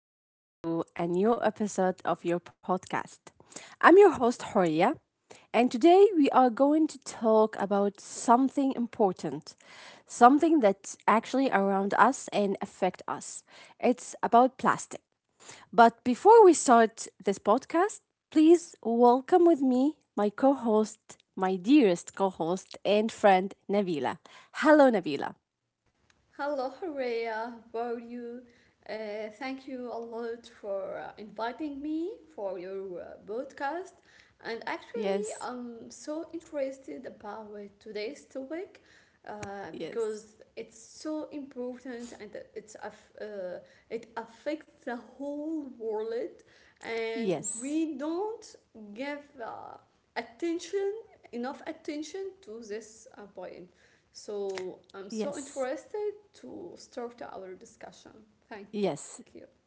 back to a new episode of your podcast. I'm your host, Horia, and today we are going to talk about something important, something that's actually around us and affect us. It's about plastic. But before we start this podcast, please welcome with me my co host, my dearest co host and friend, Nabila. Hello, Nabila. Hello, Rhea. How are you? Uh, Thank you a lot for inviting me for your podcast. And actually, Yes, I'm so interested about today's topic yes. because it's so important and it affects the whole world, and Yes, we don't give attention enough attention to this point. So I'm so yes, interested to start our discussion. Thank you. yes.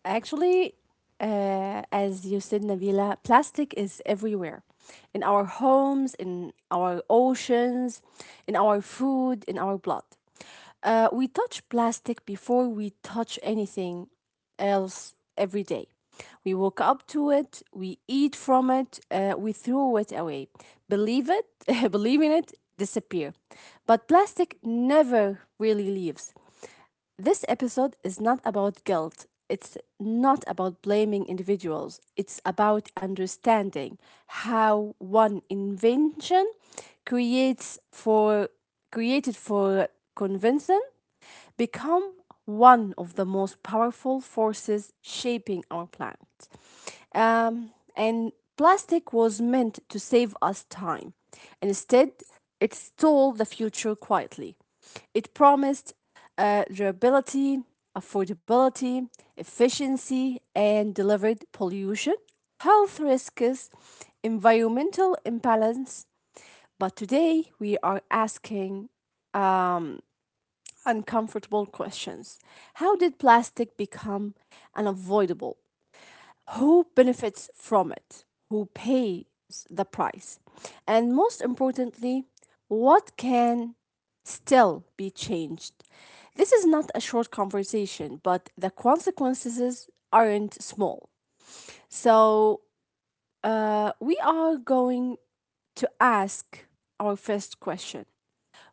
Actually, as you said, Nabila, plastic is everywhere in our homes, in our oceans, in our food, in our blood. We touch plastic before we touch anything else every day. We walk up to it, we eat from it, we throw it away. Believe it, believe in it, disappear. But plastic never really leaves. This episode is not about guilt. It's not about blaming individuals. It's about understanding how one invention creates for created for convincing become one of the most powerful forces shaping our planet. Um, and plastic was meant to save us time. Instead, it stole the future quietly. It promised durability, affordability, efficiency, and delivered pollution, health risks, environmental imbalance. But today, we are asking uncomfortable questions. How did plastic become unavoidable? Who benefits from it, who pays the price, and most importantly, what can still be changed. This is not a short conversation, but the consequences aren't small. So, we are going to ask our first question.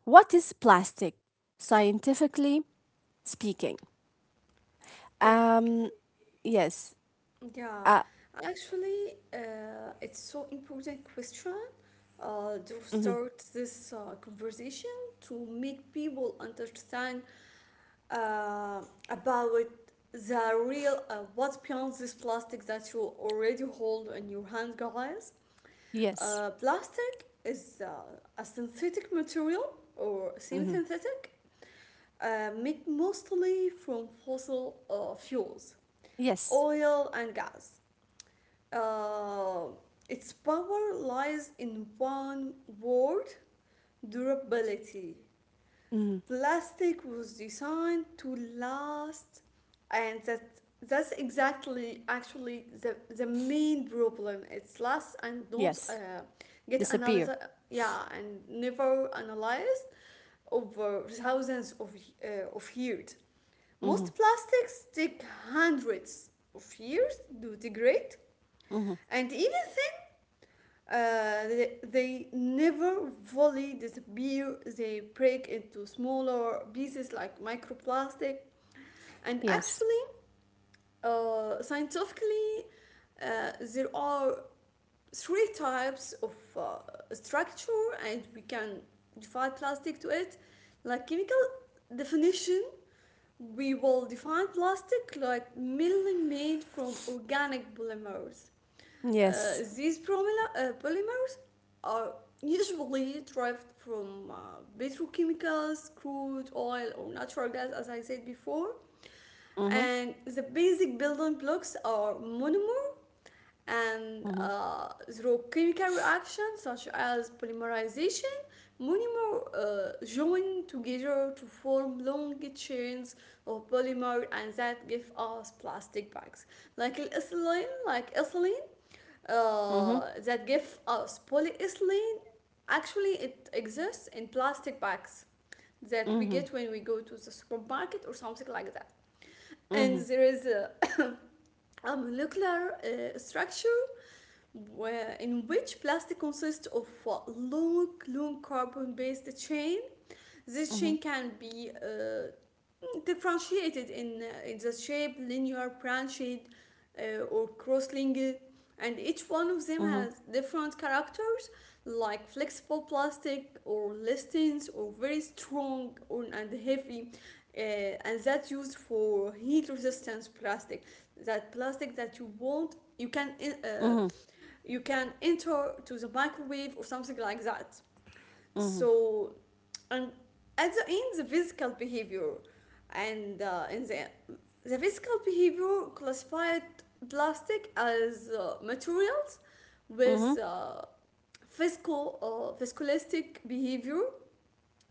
What is plastic, scientifically speaking? Oh, Um, yes. yeah. Uh, Actually, it's so important question to mhm. start this conversation to make people understand uh, about the real what's beyond this plastic that you already hold in your hand, guys. Yes. Plastic is a synthetic material or Hmm. semi-synthetic made mostly from fossil fuels, Yes. oil and gas. Uh, its power lies in one word, durability. Hmm. Plastic was designed to last, and that's exactly actually the main problem. It lasts and don't Yes. Get analyzed, Disappear. yeah, and never analyzed over thousands of years. Mm-hmm. Most plastics take hundreds of years to degrade, Mm-hmm. and even then, they never fully disappear. They break into smaller pieces like microplastic. And Yes. actually, scientifically, there are three types of structure, and we can define plastic to it, like chemical definition. We will define plastic like mainly made from organic polymers. Yes. These polymers are usually derived from petrochemicals, crude oil, or natural gas, as I said before. Mm-hmm. And the basic building blocks are monomers, and Mm-hmm. Zoochemical reactions such as polymerization monomer join together to form long chains of polymer, and that give us plastic bags, like ethylene. Mm-hmm. That give us polyethylene, actually it exists in plastic bags that we Mm-hmm. get when we go to the supermarket or something like that. And Mm-hmm. there is a molecular structure where, in which plastic consists of a long, long carbon-based chain. This Mm-hmm. chain can be differentiated in the shape, linear, branched, or cross-linked, and each one of them Mm-hmm. has different characters, like flexible plastic or listings, or very strong or, and heavy, and that's used for heat resistance plastic, that plastic that you want uh, Mm-hmm. you can enter to the microwave or something like that. Mm-hmm. So, and at the end, the physical behavior and in the physical behavior classified plastic as materials Mm-hmm. with physical or viscoelastic behavior.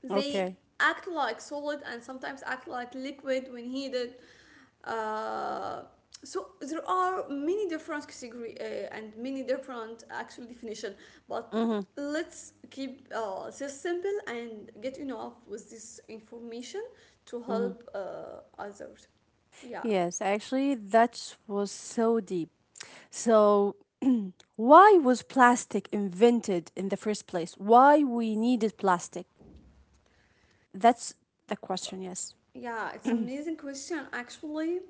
They Okay. act like solid and sometimes act like liquid when heated. uh, so there are many different category, and many different actual definition, but Mm-hmm. let's keep this simple and get enough with this information to Mm-hmm. help others. Yeah, Yes. Actually, that was so deep. So why was plastic invented in the first place? Why we needed plastic? That's the uh, question, yes. yeah, it's an amazing question actually.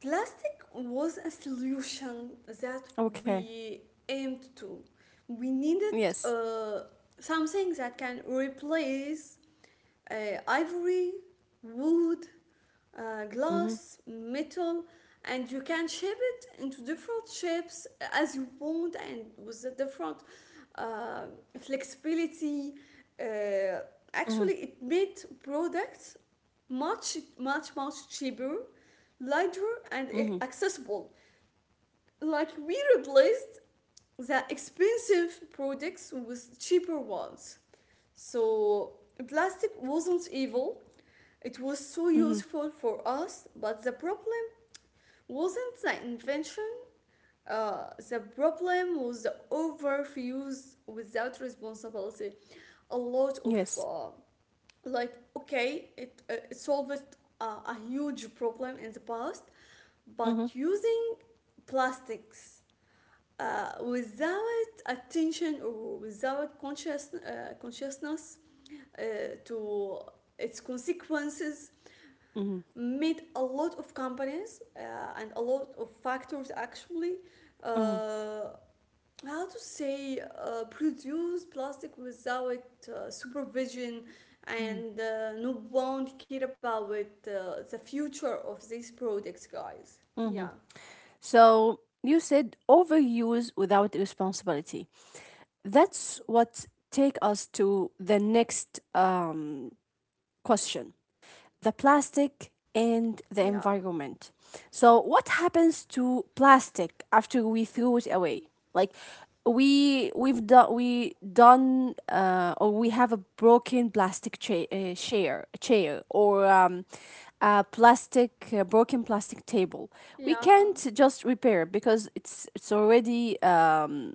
Plastic was a solution that Okay. we aimed to. We Yes. needed something that can replace uh, ivory, wood, Mm-hmm. glass, metal, and you can shape it into different shapes as you want and with a different uh, flexibility. Uh, Mm-hmm. Actually, it made products much, much, much cheaper, lighter and Mm-hmm. accessible. Like, we replaced the expensive products with cheaper ones. So plastic wasn't evil. It was so Mm-hmm. useful for us, but the problem wasn't the invention. The problem was the overuse without responsibility. A lot of Yes. Like okay it solved a huge problem in the past, Mm-hmm. but using plastics without attention or without consciousness uh, to its consequences Mm-hmm. made a lot of companies and a lot of factors actually Mm-hmm. uh, how to say, produce plastic without supervision, and no one care about it, the future of these products, guys. Mm-hmm. Yeah. So you said overuse without responsibility. That's what take us to the next question, the plastic and the Yeah, environment. So, what happens to plastic after we throw it away? Like, we done or we have a broken plastic chair or a plastic a broken plastic table, we yeah, can't just repair it because it's already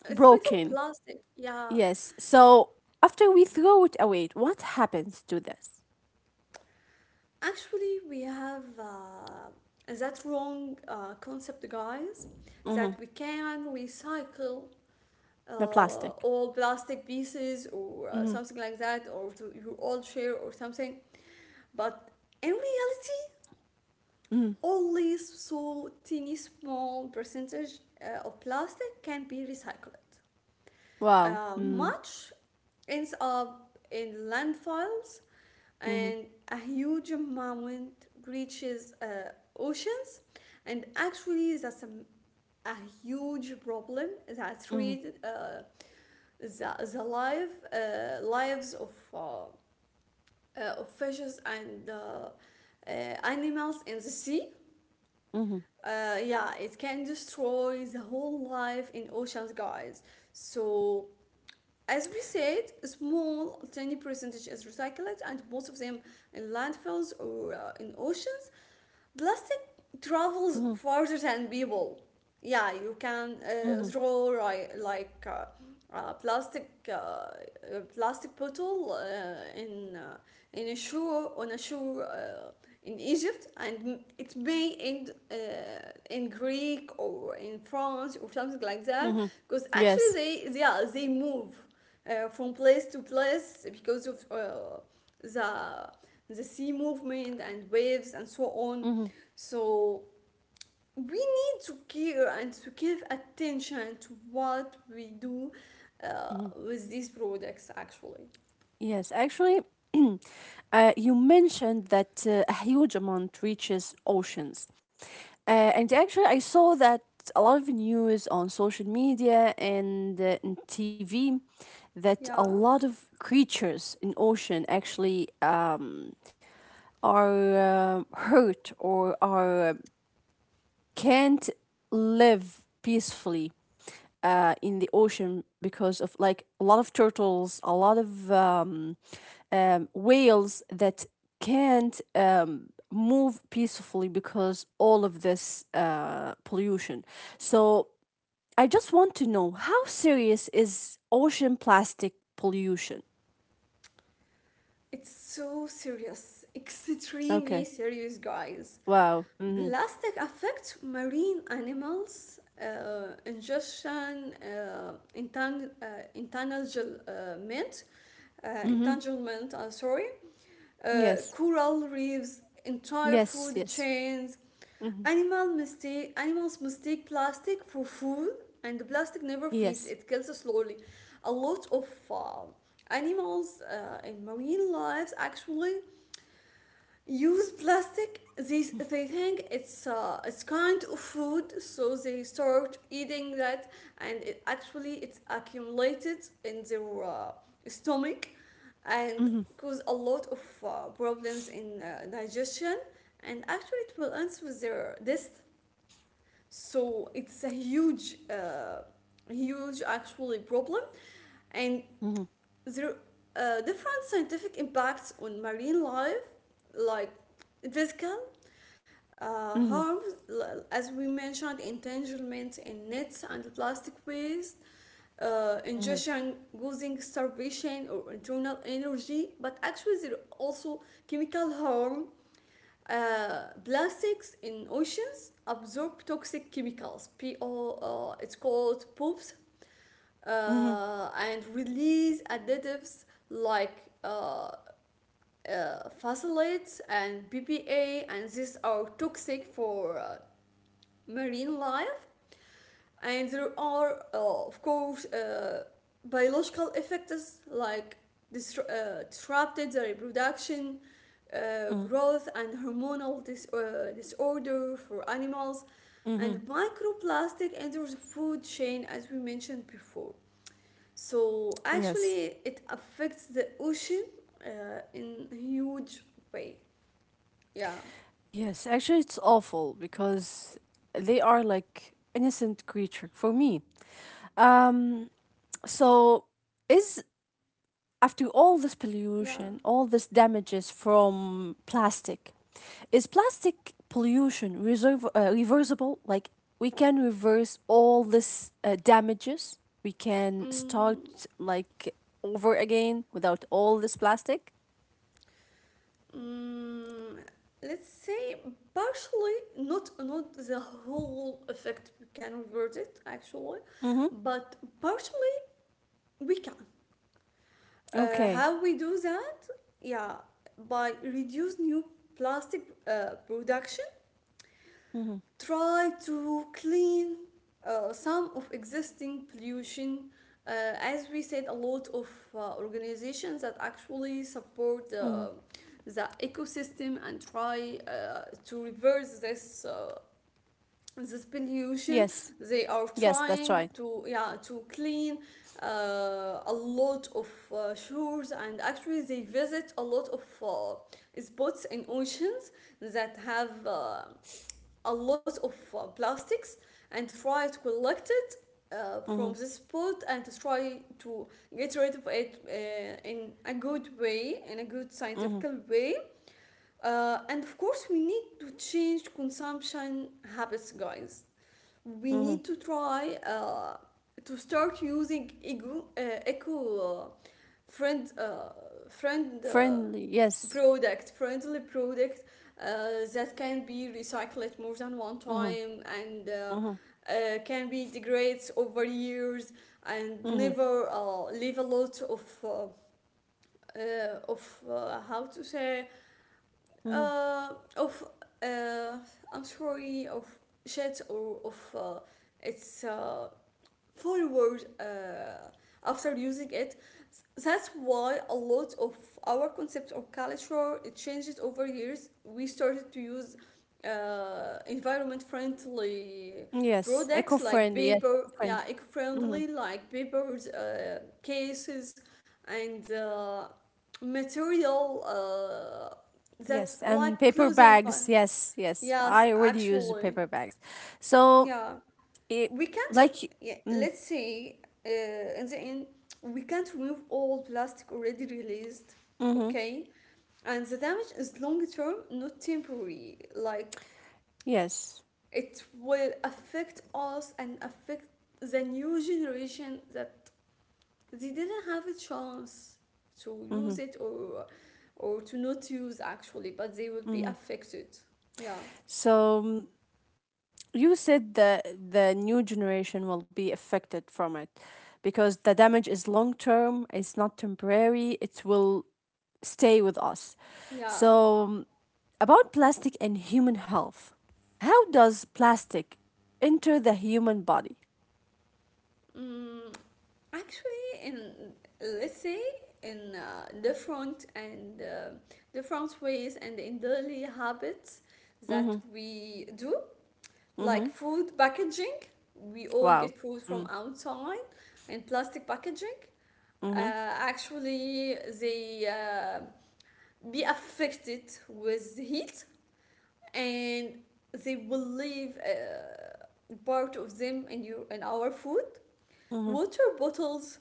it's better broken. plastic, yeah. Yes, so after we throw it away, what happens to this? Actually, we have that wrong concept, guys, that Hmm. we can recycle The uh, plastic. all plastic pieces or Mm-hmm. something like that, or to your old share or something. But in reality, Mhm. only so tiny small percentage of plastic can be recycled. Wow. Mm. Much ends up in landfills, Mhm. and a huge amount reaches oceans. And actually, that's a huge problem that Mhm. threatens the life, lives of fishes and uh, animals in the sea. Mhm. Yeah, it can destroy the whole life in oceans, guys. So, as we said, a small, tiny percentage is recycled, and most of them in landfills or in oceans. Plastic travels Mhm. farther than people. Yeah, you can Mhm. throw ri- like a plastic uh, a plastic bottle in a shore, on a shore in Egypt, and it may end in Greek or in France or something like that. Mhm. Because actually, Yes. they, yeah, they move from place to place because of the the sea movement and waves and so on. Mhm. So we need to care and to give attention to what we do Mhm. with these products actually. Yes. Actually, you mentioned that a huge amount reaches oceans, and actually, I saw that a lot of news on social media and in TV that a Yeah, lot of creatures in ocean actually are hurt or are can't live peacefully in the ocean because of like a lot of turtles, a lot of whales that can't move peacefully because all of this pollution. So I just want to know, how serious is ocean plastic pollution? it's so serious, extremely Okay. serious, guys. Wow. Mm-hmm. Plastic affects marine animals, ingestion, entanglement, uh, Mm-hmm. entanglement, uh, sorry, Yes. coral reefs, entire Yes. food Yes. chains. Mm-hmm. Animals mistake plastic for food, and the plastic never feeds. Yes. It kills slowly. A lot of animals in marine lives actually use plastic. They think it's kind of food, so they start eating that, and it, actually it's accumulated in their stomach, and Mm-hmm. cause a lot of problems in digestion, and actually it will end with their death. So it's a huge huge actually problem, and Mm-hmm. there are different scientific impacts on marine life, like physical Mm-hmm. harms, as we mentioned, entanglement in nets and plastic waste, Mm-hmm. ingestion causing starvation or internal energy, but actually there are also chemical harm. Plastics in oceans absorb toxic chemicals. PO, it's called poops, Mm-hmm. And release additives like uh, phthalates and BPA, and these are toxic for marine life, and there are, of course, biological effects like disrupted the reproduction, Mm, growth, and hormonal disorder for animals, and mhm. microplastic enters the food chain as we mentioned before. So Yes. actually, it affects the ocean in a huge way. Yeah, Yes. Actually, it's awful because they are like innocent creature for me. Um. So is after all this yeah. pollution, all this damages from plastic, is plastic pollution reserve, reversible? Like we can reverse all this damages. We can start Mm. like over again without all this plastic. Mm, let's say partially, not not the whole effect we can revert it actually, Mm-hmm. but partially we can. Okay. How we do that? Yeah, by reduce new plastic production, Mm-hmm. try to clean some of existing pollution. Uh, as we said, a lot of organizations that actually support Mm-hmm. The ecosystem and try to reverse this this pollution. Yes. They are Yes, that's trying right. to, yeah, to clean a lot of shores, and actually they visit a lot of spots in oceans that have a lot of plastics, and try to collect it from Mhm. this spot and to try to get rid of it in a good way, in a good scientific Mhm. way. And of course, we need to change consumption habits, guys. We need Mhm. to try to start using eco, eco friend friend Friendly. Yes. product friendly product that can be recycled more than one Mhm. time, and Mhm. Can be degrades over years, and Mhm. never leave a lot of how to say, Mhm. uh, of uh, I'm sorry, of shit, or of its forward after using it. That's why a lot of our concept or culture it changes over years. We started to use environment friendly Yes, products like eco-friendly. Yes, paper, eco-friendly. yeah, eco Mhm. friendly like papers, cases, and material that's Yes. like Paper clothing, but bags. Yes, yes. yes, I already use the actually, paper bags. So, yeah, it, we can't like y-, yeah, mm, let's say in the end we can't remove all plastic already released. mhm. Okay, and the damage is long term, not temporary. Like, Yes. it will affect us and affect the new generation that they didn't have a chance to use Mhm. it or to not use actually, but they will be Mhm. affected. Yeah. So, you said the new generation will be affected from it because the damage is long term, it's not temporary. It will stay with us. Yeah. So, about plastic and human health. How does plastic enter the human body? Mm, actually, in, let's say, in different ways and in daily habits that Mhm. we do, like Mhm. food packaging, we all get Wow. food from Mm. outside in plastic packaging. Mhm. Actually, they be affected with the heat, and they will leave part of them in your, in our food. Mhm. Water bottles,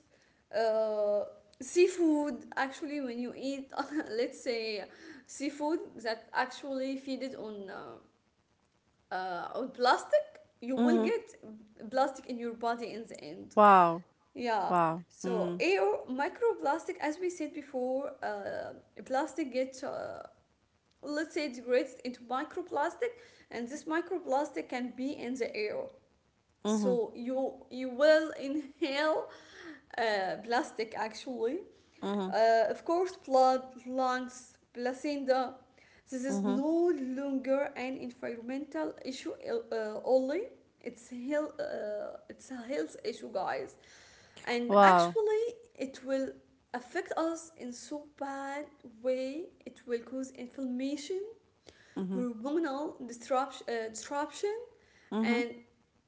uh, seafood, actually when you eat let's say seafood that actually feed it on plastic, you will Mhm. get plastic in your body in the end, Wow. yeah. Wow. So Mm. air microplastic, as we said before, plastic gets let's say degrades into microplastic, and this microplastic can be in the air, Mhm. so you will inhale plastic actually. Mhm. Of course, blood, lungs, placenta. This is Mhm. no longer an environmental issue only. It's health, it's a health issue, guys, and Wow. actually, it will affect us in so bad way. It will cause inflammation, Mhm. hormonal disruption, Mhm. and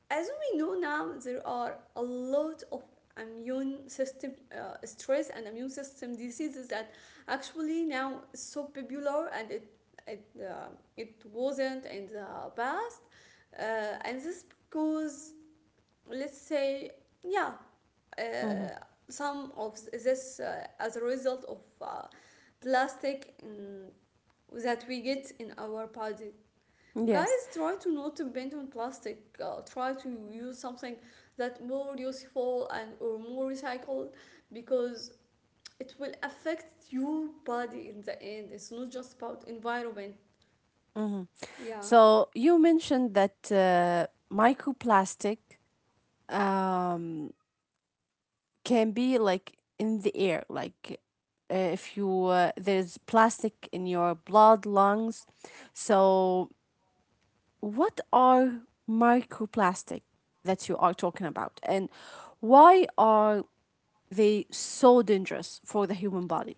as we know now, there are a lot of immune system stress and immune system diseases that actually now is so popular, and it, uh, it wasn't in the past, and this because let's say yeah, uh, Mhm. some of this, as a result of plastic that we get in our body. Yes. Guys, try to not bend on plastic. Try to use something that more useful and or more recycled, because it will affect your body in the end. It's not just about environment. Mhm. Yeah, So you mentioned that microplastic um can be like in the air, like if you there's plastic in your blood lungs, so what are microplastic that you are talking about and why are they so dangerous for the human body?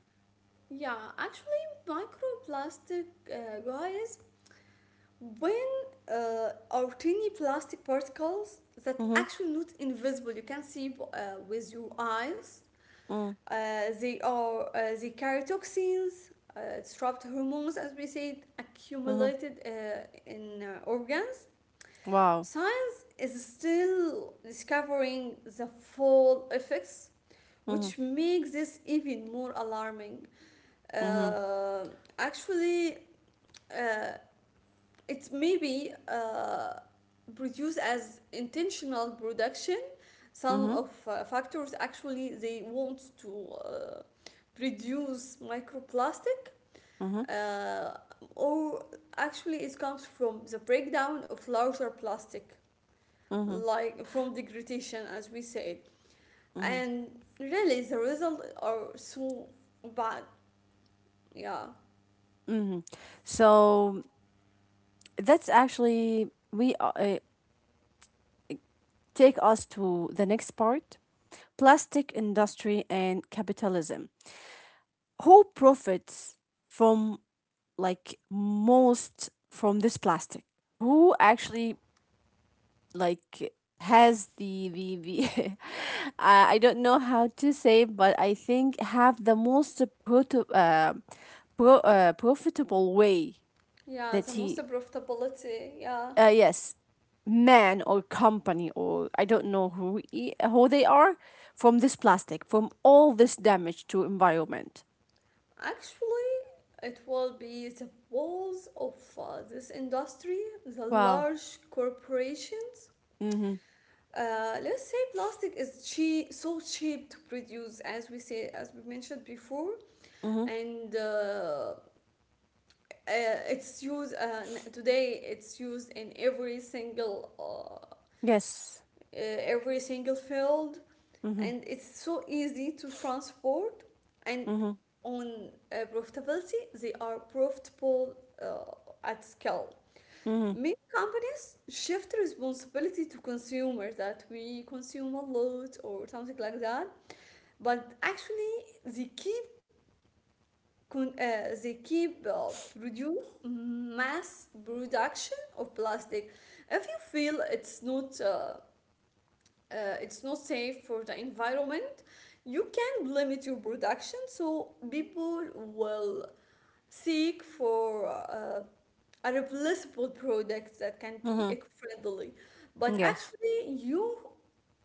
yeah. Actually, microplastic, guys, when are tiny plastic particles that Mm-hmm, actually not invisible. You can see with your eyes. mm, They are, the karyotoxins, disrupt hormones, as we said, mm-hmm. accumulated in organs. Wow. Science is still discovering the full effects, Mm-hmm, which makes this even more alarming. mm-hmm, Uh, actually, uh, it may be produced as intentional production. mm-hmm, Some of factors actually they want to reduce microplastic, mm-hmm, uh, or actually it comes from the breakdown of larger plastic, mm-hmm, like from degradation as we said, and really the results are so bad, yeah. mm-hmm. So that's actually we take us to the next part, plastic industry and capitalism. Who profits from, like, most from this plastic? Who actually, like, has the I don't know how to say, but I think have the most profitable way Yeah, that the most he profitability, yeah. Yes, man or company or I don't know who who they are from this plastic, from all this damage to environment. Actually, it will be the walls of this industry, the Wow. large corporations. Mhm. Let's say plastic is cheap, so cheap to produce, as we say, as we mentioned before, Mhm. and it's used, today. It's used in Yes. Every single field, Mhm. and it's so easy to transport. And Mhm. on profitability, they are profitable at scale. Mhm. Means shift responsibility to consumer that we consume a lot or something like that, but actually they keep, they keep produce mass production of plastic. If you feel it's not, uh, it's not safe for the environment, you can limit your production, so people will seek for a replaceable product that can be Mhm. eco-friendly. But Yes. actually you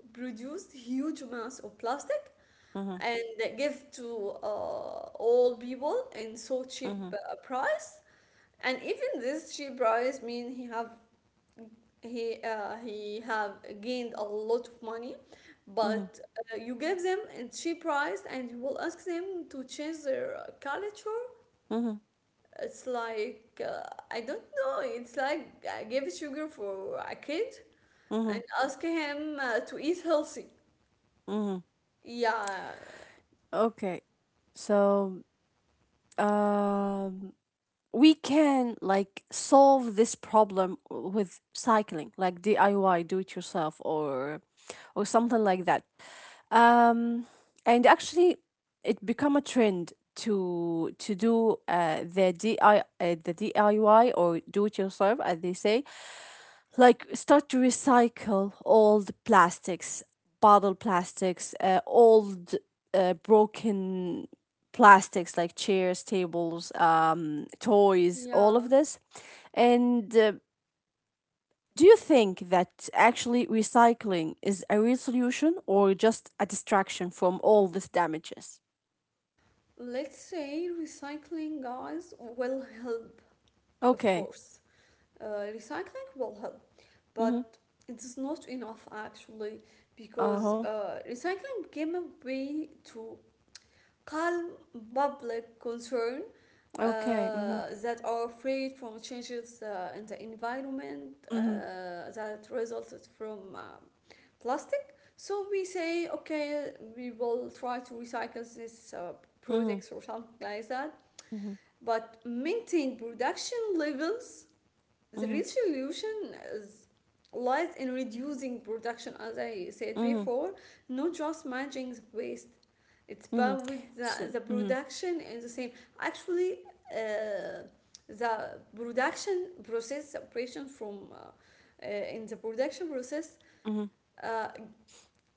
produce huge amounts of plastic, Mhm. and give to all people in so cheap Mhm. Price. And even this cheap price mean he have gained a lot of money. Mhm. But you give them a cheap price and you will ask them to change their culture. Mhm. It's like, I don't know, it's like I give sugar for a kid and Mhm. ask him to eat healthy, Mhm. yeah. Okay. So, um we can like solve this problem with cycling, like DIY, do it yourself or something like that. Um and actually it become a trend to do the DIY or do it yourself as they say, like start to recycle all the plastics, bottle plastics, old broken plastics like chairs, tables, toys, all Yeah. of this. And do you think that actually recycling is a real solution or just a distraction from all these damages? Let's say recycling, guys, will help, of Okay. course. Recycling will help, Mm-hmm. but it's not enough actually, Uh because huh. Recycling became a way to calm public concern, Okay. uh, Mm-hmm. that are afraid from changes in the environment, Mm-hmm. that resulted from plastic. So we say, okay, we will try to recycle this Mm-hmm. products or something like that, but maintain production levels. The Mm-hmm. resolution is, lies in reducing production as I said Mm-hmm. before, not just managing the waste. It's Mm-hmm. about with So, the mm-hmm. production and the same. Actually, uh, the production process separation from, in the production process, Mm-hmm. uh,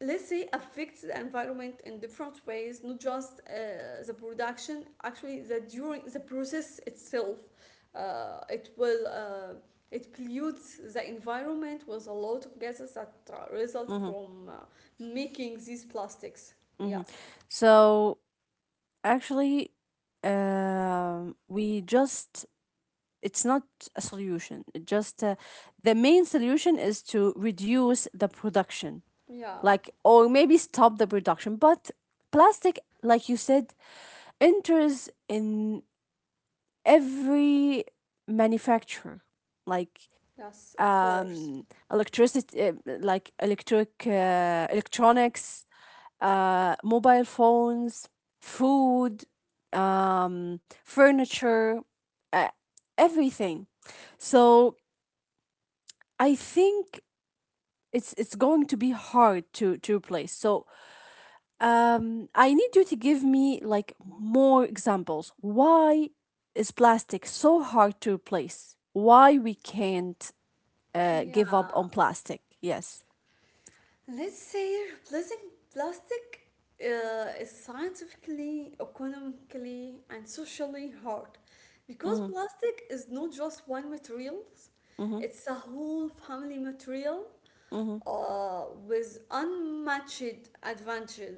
let's say affects the environment in different ways, not just the production, actually the during the process itself. It will, it pollutes the environment with a lot of gases that result from making these plastics, yeah. Hmm. So actually, we just it's not a solution. It just the main solution is to reduce the production, Yeah, like or maybe stop the production. But plastic, like you said, enters in every manufacturer, like yes of course, electricity like electric electronics, mobile phones, food, furniture, uh, everything. So I think it's going to be hard to replace. So I need you to give me like more examples. Why is plastic so hard to replace? Why we can't give up yeah. on plastic? Yes. Let's say replacing plastic is scientifically, economically, and socially hard, Mm-hmm. because plastic is not just one material, Mm-hmm. it's a whole family material Mm-hmm. With unmatched advantages.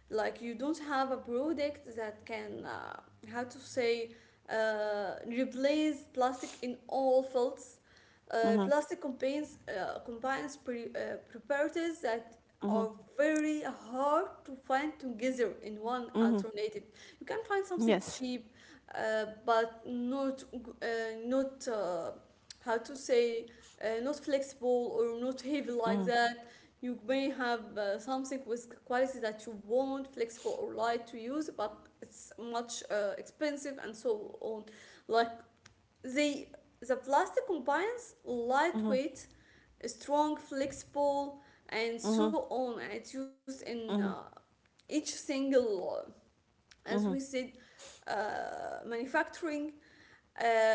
Like you don't have a product that can, how to say, replace plastic in all fields. Mm-hmm. Plastic combines properties that are Mm-hmm. very hard to find together in one Mm-hmm. alternative. You can find something Yes. cheap, but not, uh, not uh, how to say, not flexible or not heavy Mm-hmm. like that. You may have something with quality that you want, flexible or light to use, but it's much expensive and so on. Like they the plastic combines Mm-hmm. lightweight, strong, flexible, and Mm-hmm. so on. It's used in, Mhm, each single, as we mhm, said, manufacturing. Uh,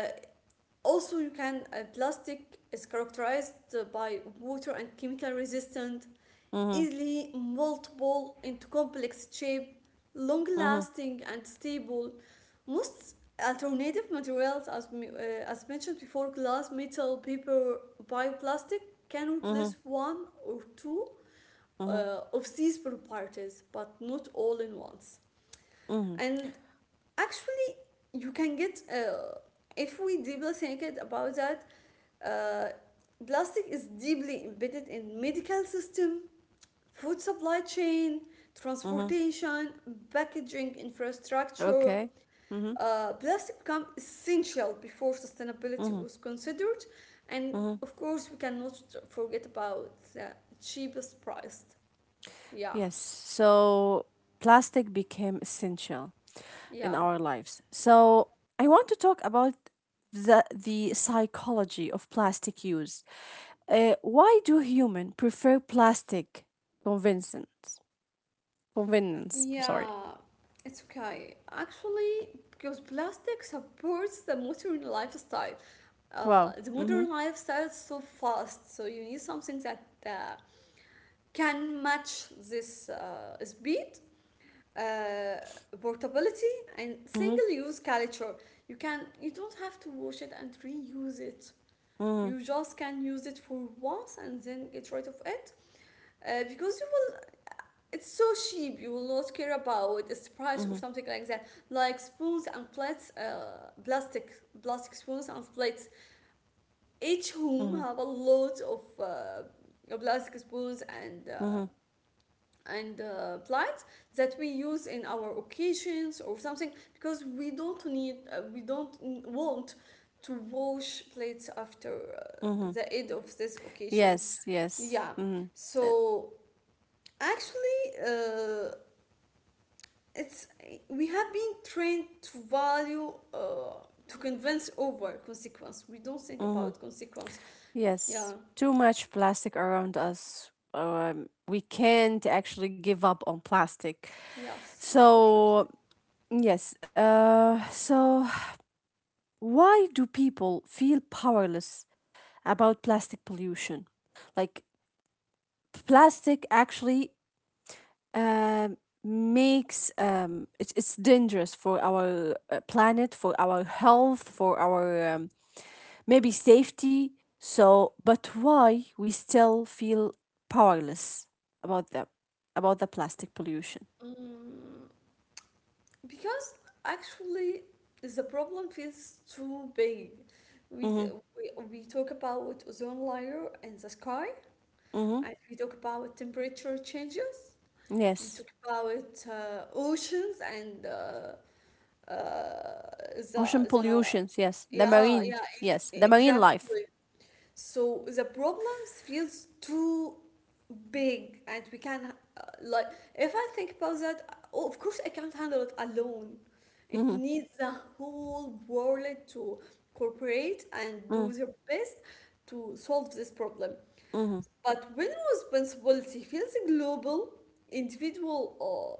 Also, you can, plastic is characterized by water and chemical resistant, mhm, easily moldable into complex shape, long mhm, lasting and stable. Most alternative materials, as, as mentioned before, glass, metal, paper, bioplastic, can mhm, replace one or two mhm, of these properties, but not all in once. mhm, And actually, you can get, if we deeply think it about that, uh, plastic is deeply embedded in medical system, food supply chain, mhm. transportation, packaging infrastructure. Okay. Mhm, Plastic became essential before sustainability mhm, was considered, and mhm. of course, we cannot forget about the cheapest price. Yeah, Yes. So plastic became essential in yeah. our lives. So I want to talk about the psychology of plastic use. Why do human prefer plastic convenience? Convenience. I'm Yeah, sorry. it's okay. Actually, because plastic supports the modern lifestyle. Wow. The Mhm. modern lifestyle is so fast, so you need something that can match this speed, uh, portability, and Mhm. single-use culture. You don't have to wash it and reuse it. Mhm. You just can use it for once and then get rid of it, because you will, it's so cheap, you will not care about its price or Mhm. something like that, like spoons and plates, plastic spoons and plates. Each home Mhm. have a lot of plastic spoons and, Mhm. Plates that we use in our occasions or something, because we don't need, we don't want to wash plates after Mhm. the end of these occasions, Yes. Yes. yeah. Mhm. So actually, it's, we have been trained to value, to convince over consequence, we don't think Mm-hmm. about consequence. Yes, Yeah, too much plastic around us. We can't actually give up on plastic. yes, So, unfortunately. yes, so why do people feel powerless about plastic pollution? Like, plastic actually um, makes it's dangerous for our planet, for our health, for our maybe safety. So, but why we still feel powerless about them, about the plastic pollution? mm, because actually the problem feels too big. we, Mm-hmm. we we talk about ozone layer in the sky, Mm-hmm. and we talk about temperature changes, we Yes. talk about oceans and, uh, Ocean the pollutions. Yes. The yeah, marine. yeah, Yes. The marine life. exactly. So the problems feels too big, and we can, like, if I think about that, oh, of course I can't handle it alone, it Mm-hmm. needs the whole world to cooperate and Mm-hmm. do their best to solve this problem. Mm-hmm. But when responsibility feels global, individual or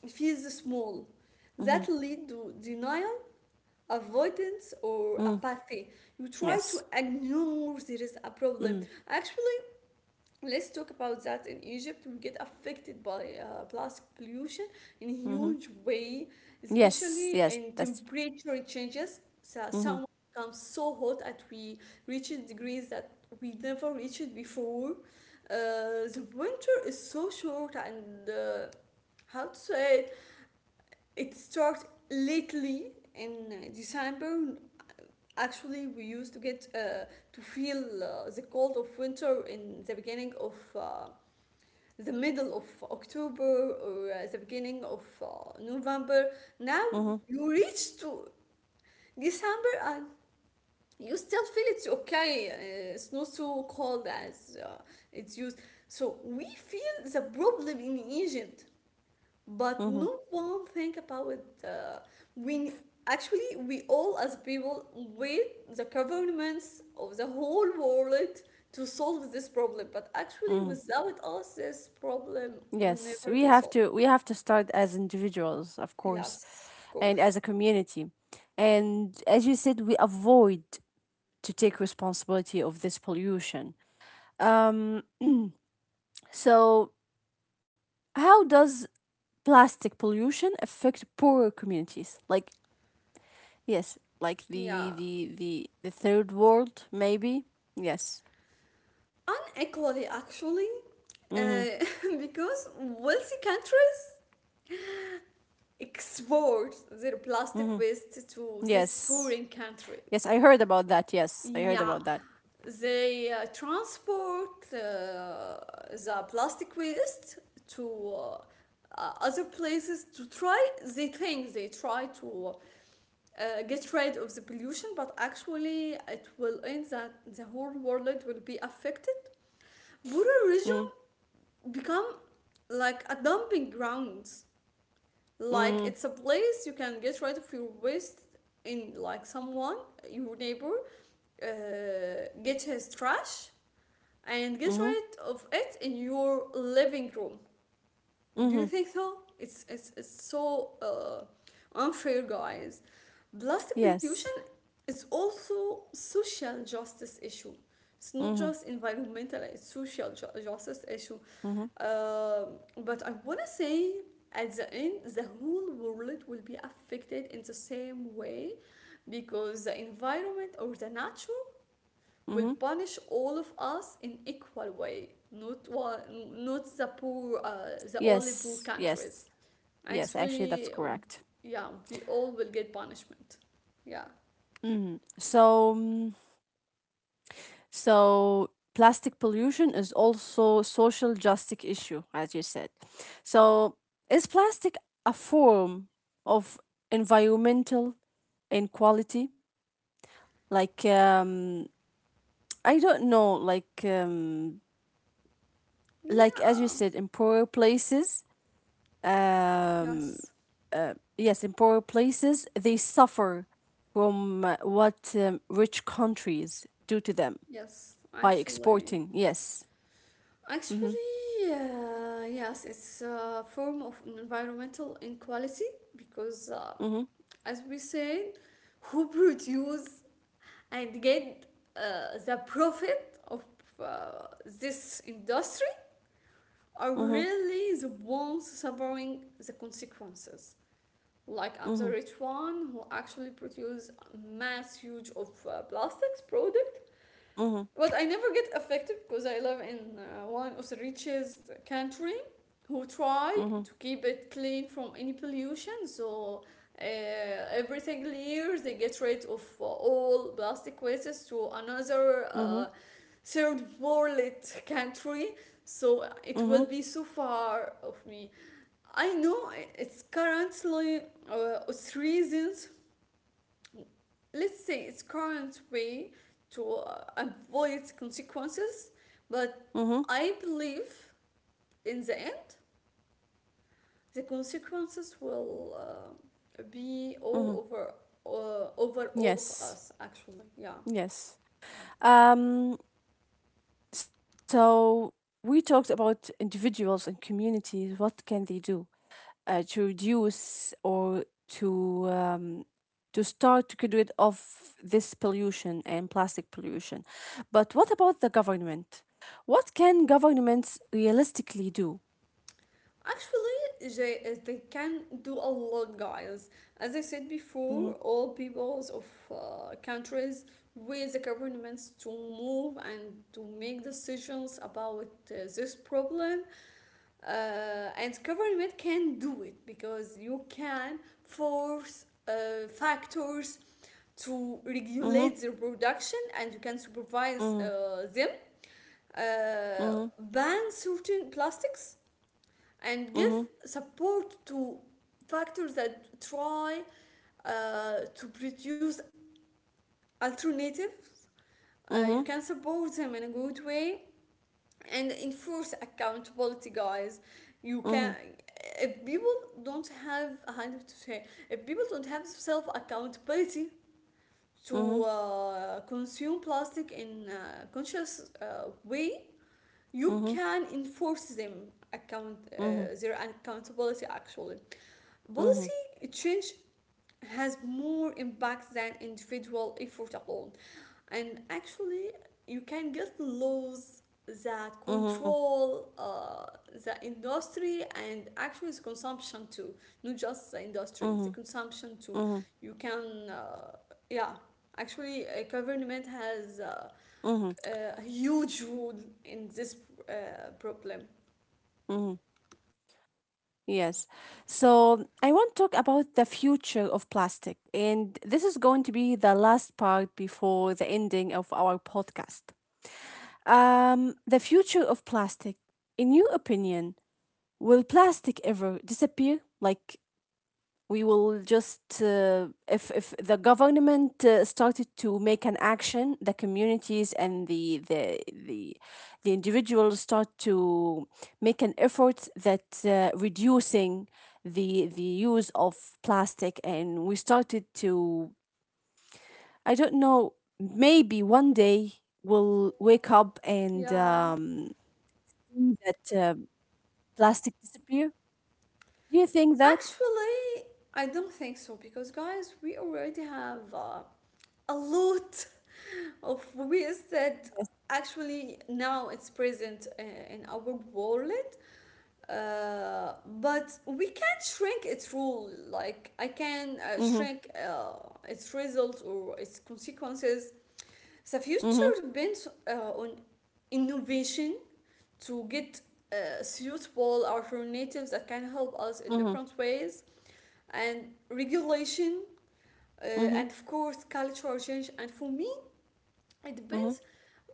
feels small, that Mm-hmm. lead to denial, avoidance or Mm. apathy. You try to Yes. ignore there is a problem. Mm-hmm. Actually, let's talk about that. In Egypt, we get affected by plastic pollution in a Mm-hmm. huge way, Yes. especially Yes. in That's. temperature changes. So Mm-hmm. summer becomes so hot that we reach degrees that we never reached before. The winter is so short, and how to say it, it starts lately in December, actually we used to get, to feel the cold of winter in the beginning of the middle of October, or the beginning of November. Now Mm-hmm. you reach to December and you still feel it's okay. It's not so cold as it's used. So we feel the problem in Egypt, but Mm-hmm. no one think about it. We actually we all as people wait the governments of the whole world to solve this problem, but actually without us, this problem will Yes. never We be have solved. to. We have to start as individuals, of course, Yes, of and course. as a community. And as you said, we avoid to take responsibility of this pollution. Um, so, how does plastic pollution affect poorer communities? Like, yes, like the Yeah, the the the third world, maybe. Yes. unequally actually, Mm-hmm. uh, because wealthy countries export their plastic Mm-hmm. waste to these Yes. pouring Yes, countries. I heard about that. Yes, I heard Yeah, about that. they transport the plastic waste to, other places to try. They think they try to get rid of the pollution, but actually it will end that the whole world will be affected. Border Mm, region become like a dumping ground. Like mm, it's a place you can get rid of your waste in, like someone, your neighbor, get his trash and get mm-hmm, rid of it in your living room. Do you mm-hmm. think so? It's, it's so unfair, guys. Plastic pollution Yes. is also social justice issue. It's not Mm-hmm, just environmental; it's social justice issue. mm-hmm, Um but I wanna say, at the end, the whole world will be affected in the same way, because the environment or the nature will mm-hmm. punish all of us in equal way, not, not the poor, the only poor Yes, countries. yes, yes. Actually, Actually, that's correct. yeah, we all will get punishment. Yeah, Mm-hmm. So, so plastic pollution is also social justice issue, as you said. So is plastic a form of environmental inequality? Like I don't know, like as you yeah, said, in poorer places, um, yes, yes, in poorer places they suffer from what rich countries do to them yes. by Actually, exporting. Yes. Mm-hmm. actually, yes, it's a form of environmental inequality, because, Mm-hmm. as we said, who produce and get the profit of this industry are Mm-hmm. really the ones suffering the consequences. Like I'm the Mm-hmm. rich one who actually produce mass huge of plastics product, Mhm, but I never get affected because I live in one of the richest country, who try mhm, to keep it clean from any pollution. So every single year they get rid of all plastic wastes to another mhm, third world country. So it mhm, will be so far of me. I know it's currently, it's reasons, let's say it's current way to avoid consequences, but mhm, I believe in the end the consequences will, be mhm. all over, over all of Yes, us actually, yeah. yes. Um, so we talked about individuals and communities. What can they do to reduce or to um, to start to get rid of this pollution and plastic pollution? But what about the government? What can governments realistically do? Actually they can do a lot, guys. As I said before, Mhm, all peoples of countries with the governments to move and to make decisions about this problem. And government can do it, because you can force factors to mhm, regulate their production, and you can supervise mhm, them, mhm, ban certain plastics and give mhm, support to factors that try uh, to produce alternatives. You mhm, can support them in a good way, and enforce accountability, guys. You can, mhm, if people don't have, how to say, if people don't have self accountability to mhm, consume plastic in a conscious way, you mhm, can enforce them, account mhm. their accountability actually. Mm-hmm. Policy change has more impact than individual effort alone. And actually, you can get laws that Mm-hmm. control the industry, and actually the consumption too, not just the industry, the Mm-hmm. consumption too. Mm-hmm. You can, yeah, actually, a government has Mm-hmm. a huge role in this problem. Mm-hmm. Yes. So I want to talk about the future of plastic. And this is going to be the last part before the ending of our podcast. The future of plastic. In your opinion, will plastic ever disappear? Like we will just if the government started to make an action, the communities and the individuals start to make an effort that reducing the use of plastic, and we started to, I don't know, maybe one day we'll wake up and Yeah. See that plastic disappear, do you think that? Actually, I don't think so because, guys, we already have a lot of ways that Yes. actually now it's present in our wallet. Uh, but we can shrink its rule. Like, I can Mm-hmm. shrink its results or its consequences. The future Mm-hmm. depends on innovation to get suitable alternatives that can help us in Mm-hmm. different ways, and regulation, uh, Mm-hmm. and of course cultural change. And for me, it Mm-hmm. depends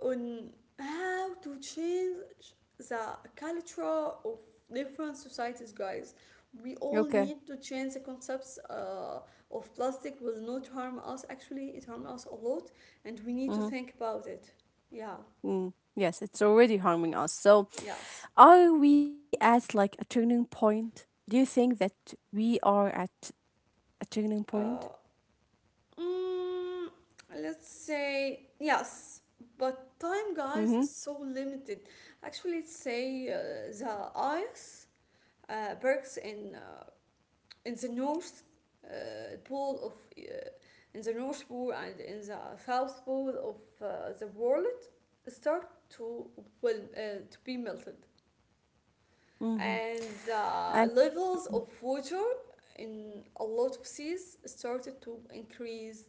on how to change the culture of different societies, guys. We all Okay. need to change the concepts of plastic will not harm us. Actually it harms us a lot, and we need to Mm-hmm. think about it, yeah. Mm. Yes, it's already harming us. So, Yes. are we at, like, a turning point? Do you think that we are at a turning point? uh, Mm, let's say yes, but time, guys, Mm-hmm. is so limited. Actually, let's say the ice breaks in, in the north, pole of in the north pole, and in the south pole of the world start to, well uh, to be melted, Mm-hmm. and I. the levels of water in a lot of seas started to increase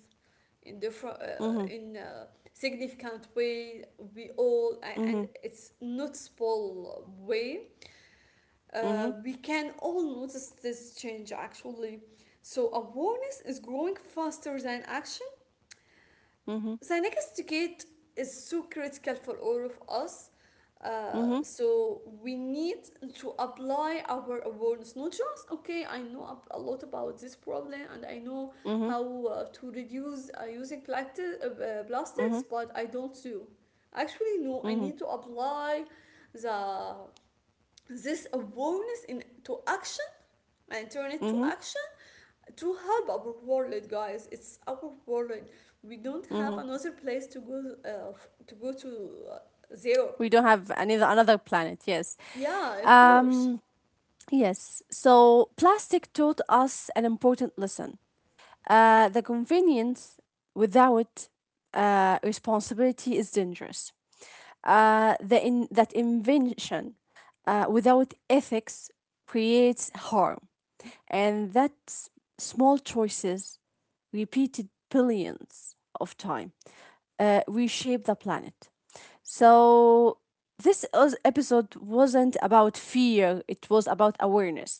in, different Mm-hmm. in a significant way we all, and Mm-hmm. it's noticeable way, Mm-hmm. we can all notice this change actually. So awareness is growing faster than action. Mm-hmm. Cynicisticate is so critical for all of us. Mm-hmm. So we need to apply our awareness, not just okay. I know a lot about this problem, and I know Mm-hmm. how to reduce using plastic, Mm-hmm. plastics, but I don't do. Actually, no. I Mm-hmm. need to apply the this awareness into action, and turn it to Mm-hmm. action to help our world, guys. It's our world, we don't Mm-hmm. have another place to go, to go to zero, We don't have another planet. Yes. yeah, of course. Um. Yes. So, plastic taught us an important lesson. The convenience without responsibility is dangerous. That invention without ethics creates harm. And small choices, repeated billions of time, reshape the planet. So this episode wasn't about fear, it was about awareness,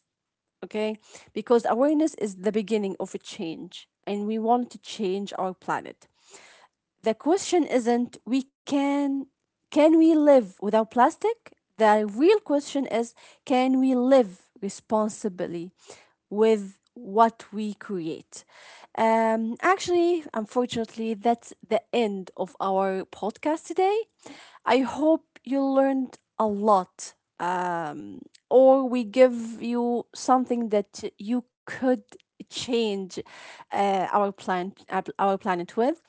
okay? Because awareness is the beginning of a change, and we want to change our planet. The question isn't we can we live without plastic? The real question is, can we live responsibly with what we create? Actually, unfortunately, that's the end of our podcast today. I hope you learned a lot, or we give you something that you could change uh, our planet our planet with.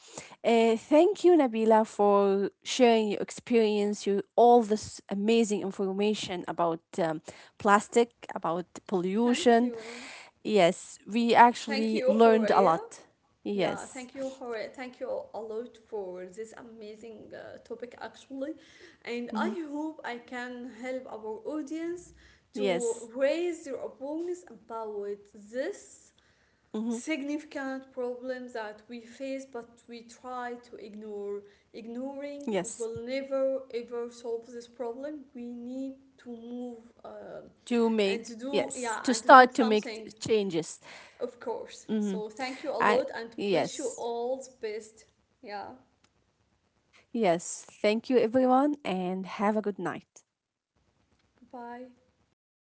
Thank you, Nabila, for sharing your experience, your all this amazing information about plastic, about Thank pollution. you. Yes, we Thank actually you, learned a Horea. lot. Yeah, thank Yes. you, Horea, thank you a lot for this amazing topic actually, and I Mm-hmm. hope I can help our audience to Yes. raise their awareness about this Mm-hmm. significant problems that we face but we try to ignore. Ignoring Yes, will never ever solve this problem. We need to move, to and to make, do, yeah, yes, to and to do start to make something, changes. of course. Mm-hmm. So thank you a I. lot and wish you Yes. all the best. Yeah. Yes. Thank you, everyone, and have a good night. Goodbye.